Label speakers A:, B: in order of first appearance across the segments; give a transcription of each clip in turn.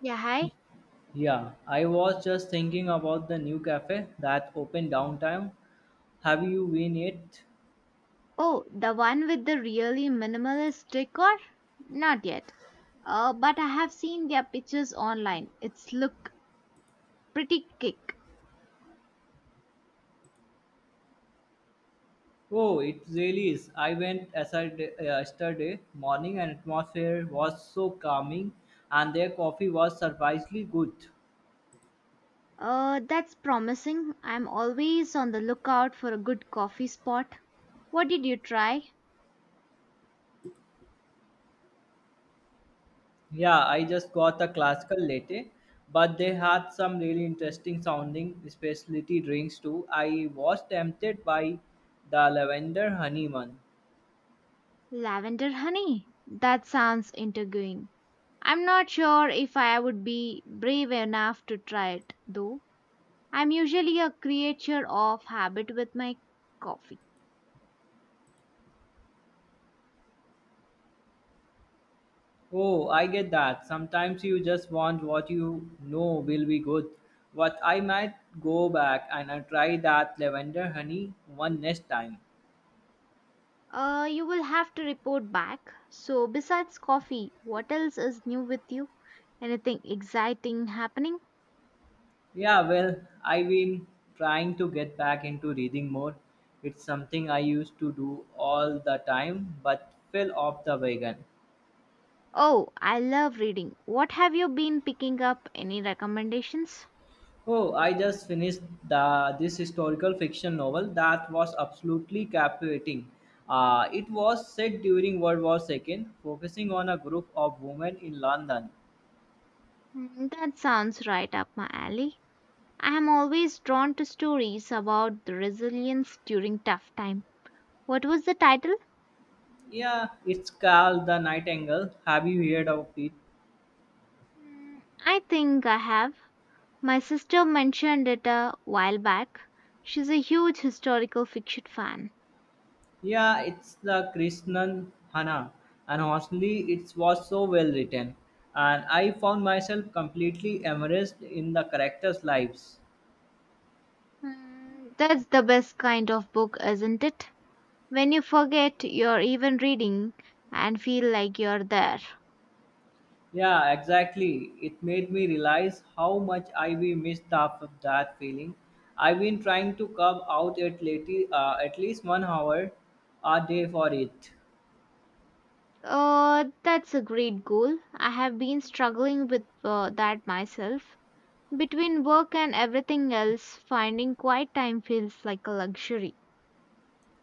A: Yeah, hi.
B: Yeah, I was just thinking about the new cafe that opened downtown. Have you been yet?
A: Oh, the one with the really minimalist decor? Not yet. But I have seen their pictures online. It's look pretty kick.
B: Oh, it really is. I went yesterday morning and atmosphere was so calming, and their coffee was surprisingly good.
A: That's promising. I'm always on the lookout for a good coffee spot. What did you try?
B: Yeah, I just got a classical latte, but they had some really interesting sounding specialty drinks too. I was tempted by the lavender honey one.
A: Lavender honey. That sounds intriguing. I'm not sure if I would be brave enough to try it, though. I'm usually a creature of habit with my coffee.
B: Oh, I get that. Sometimes you just want what you know will be good. But I might go back and I try that lavender honey one next time.
A: You will have to report back. So, besides coffee, what else is new with you? Anything exciting happening?
B: Yeah, well, I've been trying to get back into reading more. It's something I used to do all the time but fell off the wagon.
A: Oh, I love reading. What have you been picking up? Any recommendations?
B: Oh, I just finished this historical fiction novel that was absolutely captivating. It was set during World War II, focusing on a group of women in London.
A: Hmm, that sounds right up my alley. I am always drawn to stories about the resilience during tough time. What was the title?
B: Yeah, it's called The Nightingale. Have you heard of it?
A: Hmm, I think I have. My sister mentioned it a while back. She's a huge historical fiction fan.
B: Yeah, it's the Krishnan Hana, and honestly, it was so well written, and I found myself completely immersed in the characters' lives.
A: Mm, that's the best kind of book, isn't it? When you forget you're even reading and feel like you're there.
B: Yeah, exactly. It made me realize how much I we missed half of that feeling. I've been trying to come out at late, at least 1 hour a day for it.
A: That's a great goal. I have been struggling with that myself. Between work and everything else, finding quiet time feels like a luxury.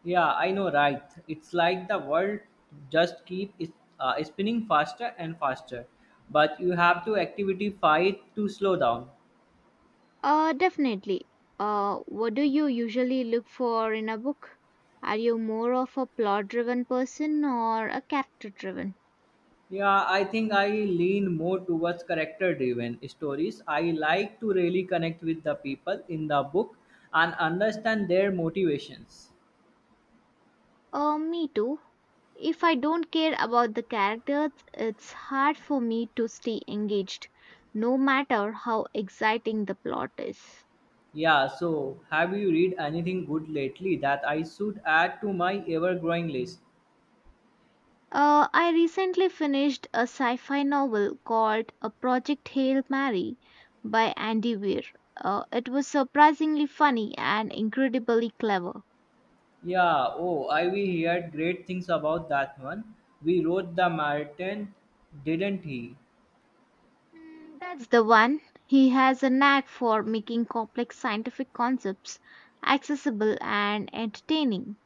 B: Yeah, I know, right? It's like the world just keep spinning faster and faster, but you have to activity fight to slow down.
A: Definitely. What do you usually look for in a book? Are you more of a plot driven person or a character driven?
B: Yeah, I think I lean more towards character driven stories. I like to really connect with the people in the book and understand their motivations.
A: Me too. If I don't care about the characters, it's hard for me to stay engaged, no matter how exciting the plot is.
B: Yeah, so have you read anything good lately that I should add to my ever growing list?
A: I recently finished a sci fi novel called A Project Hail Mary by Andy Weir. It was surprisingly funny and incredibly clever.
B: Yeah, oh, I we heard great things about that one. We wrote the Martin, didn't he?
A: Mm, that's the one. He has a knack for making complex scientific concepts accessible and entertaining.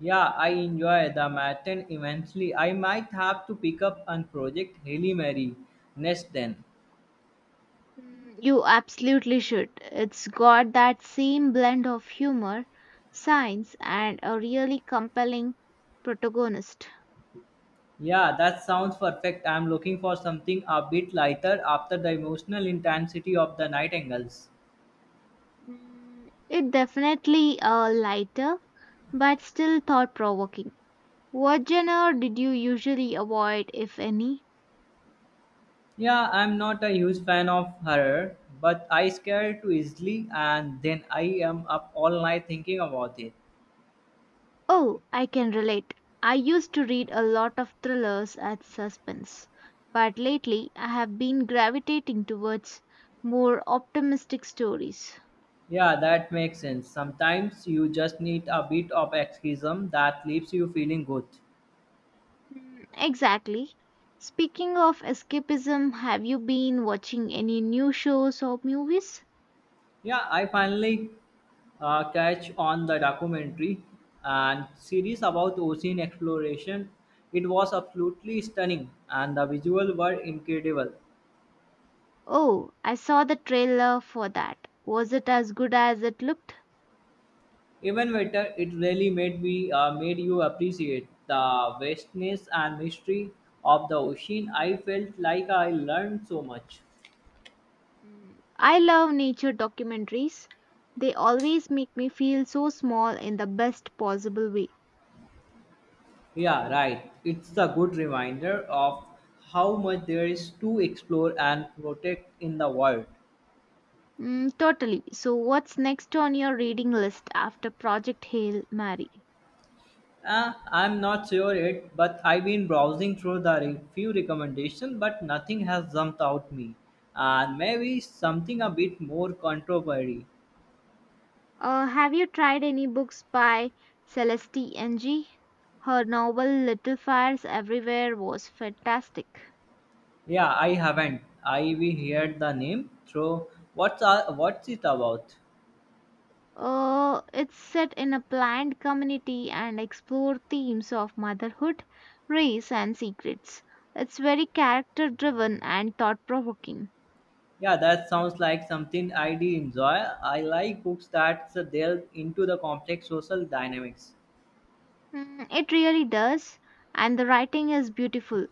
B: Yeah, I enjoy the Martin immensely. I might have to pick up and project Haley Mary next then.
A: Mm, you absolutely should. It's got that same blend of humor, science, and a really compelling protagonist.
B: Yeah, that sounds perfect. I'm looking for something a bit lighter after the emotional intensity of the Nightingales.
A: Mm, it definitely lighter, but still thought provoking. What genre did you usually avoid, if any?
B: Yeah, I'm not a huge fan of horror, but I scare too easily and then I am up all night thinking about it.
A: Oh, I can relate. I used to read a lot of thrillers and suspense, but lately I have been gravitating towards more optimistic stories.
B: Yeah, that makes sense. Sometimes you just need a bit of escapism that leaves you feeling good.
A: Mm, exactly. Speaking of escapism, have you been watching any new shows or movies?
B: Yeah, I finally catch on the documentary and series about ocean exploration. It was absolutely stunning, and the visuals were incredible.
A: Oh, I saw the trailer for that. Was it as good as it looked?
B: Even better, it really made you appreciate the vastness and mystery of the ocean. I felt like I learned so much.
A: Mm, I love nature documentaries. They always make me feel so small in the best possible way.
B: Yeah, right. It's a good reminder of how much there is to explore and protect in the world.
A: Mm, totally. So, what's next on your reading list after Project Hail Mary?
B: I'm not sure yet, but I've been browsing through the few recommendations, but nothing has jumped out me. And maybe something a bit more controversial.
A: Have you tried any books by Celeste Ng? Her novel Little Fires Everywhere was fantastic.
B: Yeah, I haven't. I we heard the name through. What's it about?
A: It's set in a planned community and explore themes of motherhood, race, and secrets. It's very character driven and thought provoking.
B: Yeah, that sounds like something I do enjoy. I like books that delve into the complex social dynamics.
A: Mm, it really does, and the writing is beautiful.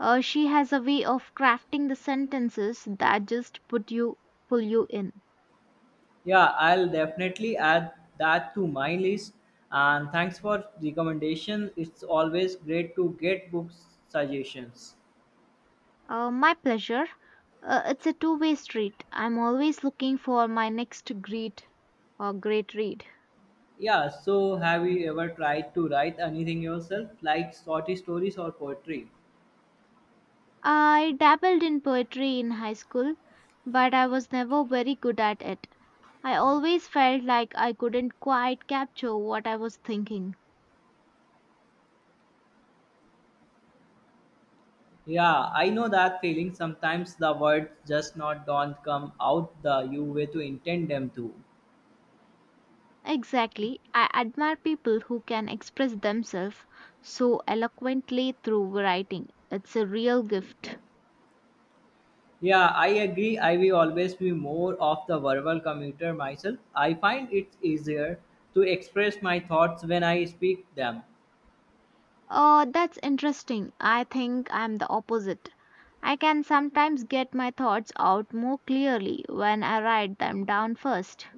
A: She has a way of crafting the sentences that just put you pull you in.
B: Yeah, I'll definitely add that to my list. And thanks for recommendation. It's always great to get book suggestions.
A: My pleasure. It's a two-way street. I'm always looking for my next great read.
B: Yeah, so have you ever tried to write anything yourself, like short stories or poetry?
A: I dabbled in poetry in high school, but I was never very good at it. I always felt like I couldn't quite capture what I was thinking.
B: Yeah, I know that feeling. Sometimes the words just not don't come out the you way to intend them to.
A: Exactly. I admire people who can express themselves so eloquently through writing. It's a real gift.
B: Yeah, I agree. I will always be more of the verbal commuter myself. I find it easier to express my thoughts when I speak them.
A: That's interesting. I think I'm the opposite. I can sometimes get my thoughts out more clearly when I write them down first.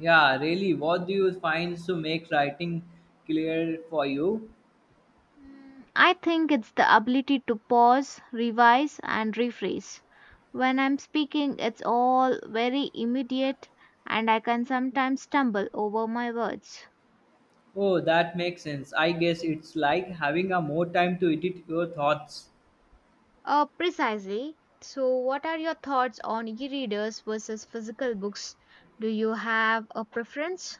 B: Yeah, really. What do you find to make writing clear for you?
A: Mm, I think it's the ability to pause, revise, and rephrase. When I'm speaking, it's all very immediate, and I can sometimes stumble over my words.
B: Oh, that makes sense. I guess it's like having a more time to edit your thoughts.
A: Precisely. So, what are your thoughts on e readers versus physical books? Do you have a preference?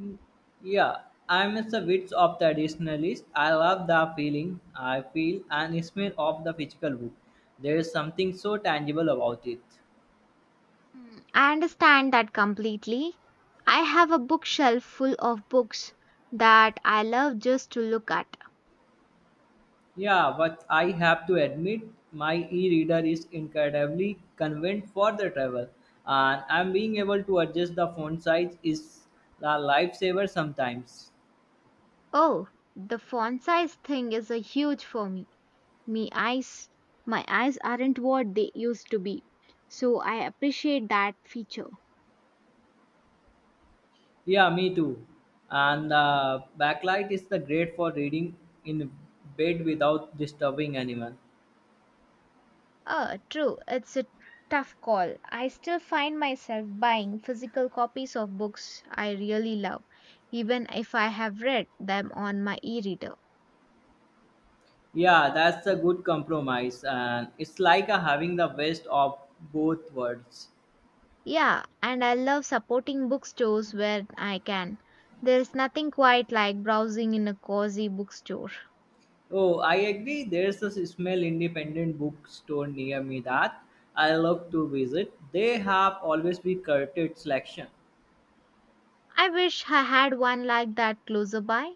B: Mm, yeah, I'm a bit of traditionalist. I love the feeling I feel and smell of the physical book. There is something so tangible about it.
A: Mm, I understand that completely. I have a bookshelf full of books that I love just to look at.
B: Yeah, but I have to admit, my e-reader is incredibly convenient for the travel, and I'm being able to adjust the font size is a lifesaver sometimes.
A: Oh, the font size thing is a huge for me. Me eyes, my eyes aren't what they used to be. So I appreciate that feature.
B: Yeah, me too. And the backlight is the great for reading in bed without disturbing anyone.
A: True. It's a tough call. I still find myself buying physical copies of books I really love, even if I have read them on my e-reader.
B: Yeah, that's a good compromise, and it's like a having the best of both worlds.
A: Yeah, and I love supporting bookstores where I can. There's nothing quite like browsing in a cozy bookstore.
B: Oh, I agree. There's a small independent bookstore near me that I love to visit. They have always be curated selection.
A: I wish I had one like that closer by.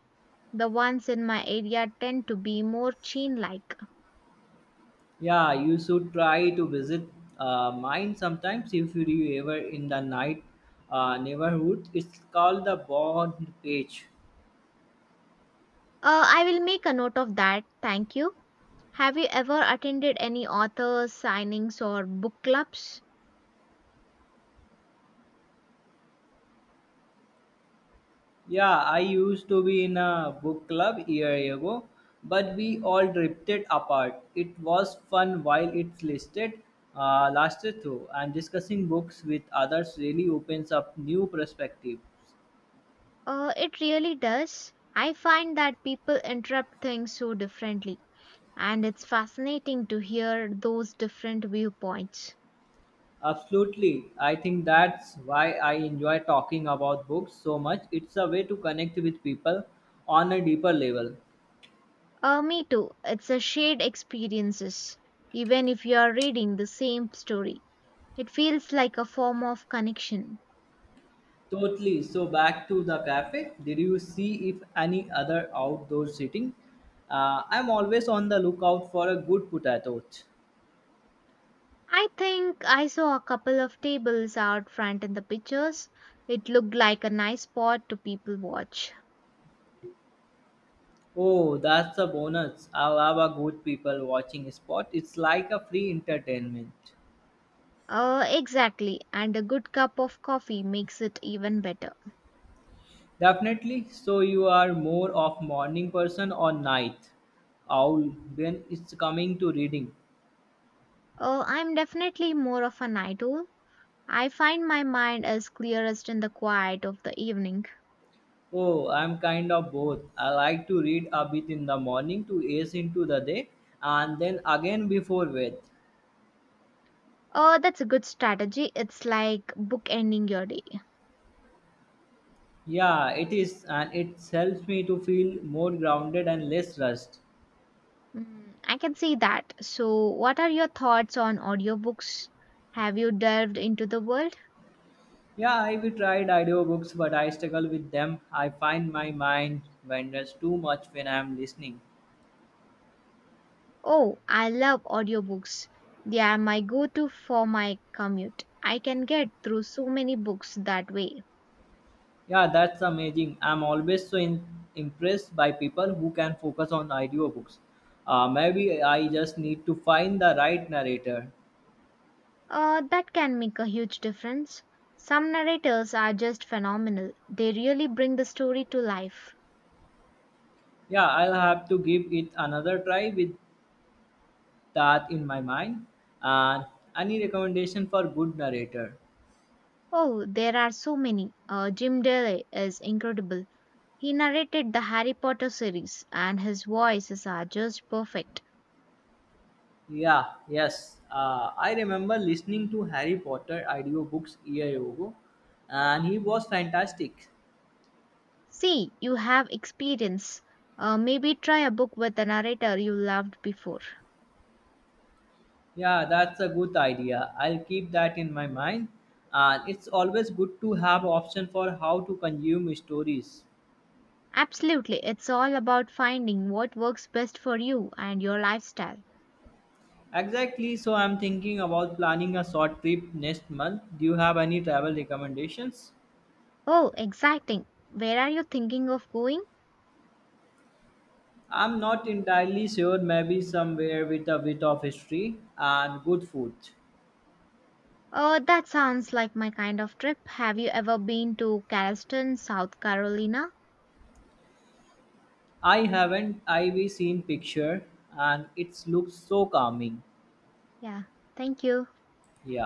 A: The ones in my area tend to be more chain like.
B: Yeah, you should try to visit mine sometimes if you ever in the night neighborhood. It's called the Bond Page.
A: I will make a note of that. Thank you. Have you ever attended any authors, signings, or book clubs?
B: Yeah, I used to be in a book club year ago, but we all drifted apart. It was fun while it listed lasted through, and discussing books with others really opens up new perspectives.
A: It really does. I find that people interpret things so differently, and it's fascinating to hear those different viewpoints.
B: Absolutely, I think that's why I enjoy talking about books so much. It's a way to connect with people on a deeper level.
A: Me too. It's a shared experiences. Even if you are reading the same story, it feels like a form of connection.
B: Totally. So back to the cafe. Did you see if any other outdoor seating? I'm always on the lookout for a good potato.
A: I think I saw a couple of tables out front in the pictures. It looked like a nice spot to people watch.
B: Oh, that's a bonus. I love a good people watching spot. It's like a free entertainment.
A: Exactly, and a good cup of coffee makes it even better.
B: Definitely. So you are more of morning person or night owl when it's coming to reading?
A: I'm definitely more of a night owl. I find my mind is clearest in the quiet of the evening.
B: Oh, I'm kind of both. I like to read a bit in the morning to ace into the day and then again before bed.
A: That's a good strategy. It's like bookending your day.
B: Yeah, it is, and it helps me to feel more grounded and less rushed.
A: Mm, I can see that. So, what are your thoughts on audiobooks? Have you delved into the world?
B: Yeah, I've tried audiobooks, but I struggle with them. I find my mind wanders too much when I'm listening.
A: Oh, I love audiobooks. They are my go to for my commute. I can get through so many books that way.
B: Yeah, that's amazing. I'm always so impressed by people who can focus on audiobooks. Maybe I just need to find the right narrator.
A: That can make a huge difference. Some narrators are just phenomenal, they really bring the story to life.
B: Yeah, I'll have to give it another try with that in my mind. And any recommendation for good narrator?
A: Oh, there are so many. Jim Daly is incredible. He narrated the Harry Potter series, and his voices are just perfect.
B: Yeah, yes. I remember listening to Harry Potter audiobooks a year ago, and he was fantastic.
A: See, you have experience. Maybe try a book with a narrator you loved before.
B: Yeah, that's a good idea. I'll keep that in my mind. And it's always good to have option for how to consume stories.
A: Absolutely, it's all about finding what works best for you and your lifestyle.
B: Exactly. So I'm thinking about planning a short trip next month. Do you have any travel recommendations?
A: Oh, exciting. Where are you thinking of going?
B: I'm not entirely sure. Maybe somewhere with a bit of history and good food.
A: Oh, that sounds like my kind of trip. Have you ever been to Charleston, South Carolina?
B: I haven't. I've seen picture and it looks so calming.
A: Yeah, thank you.
B: Yeah.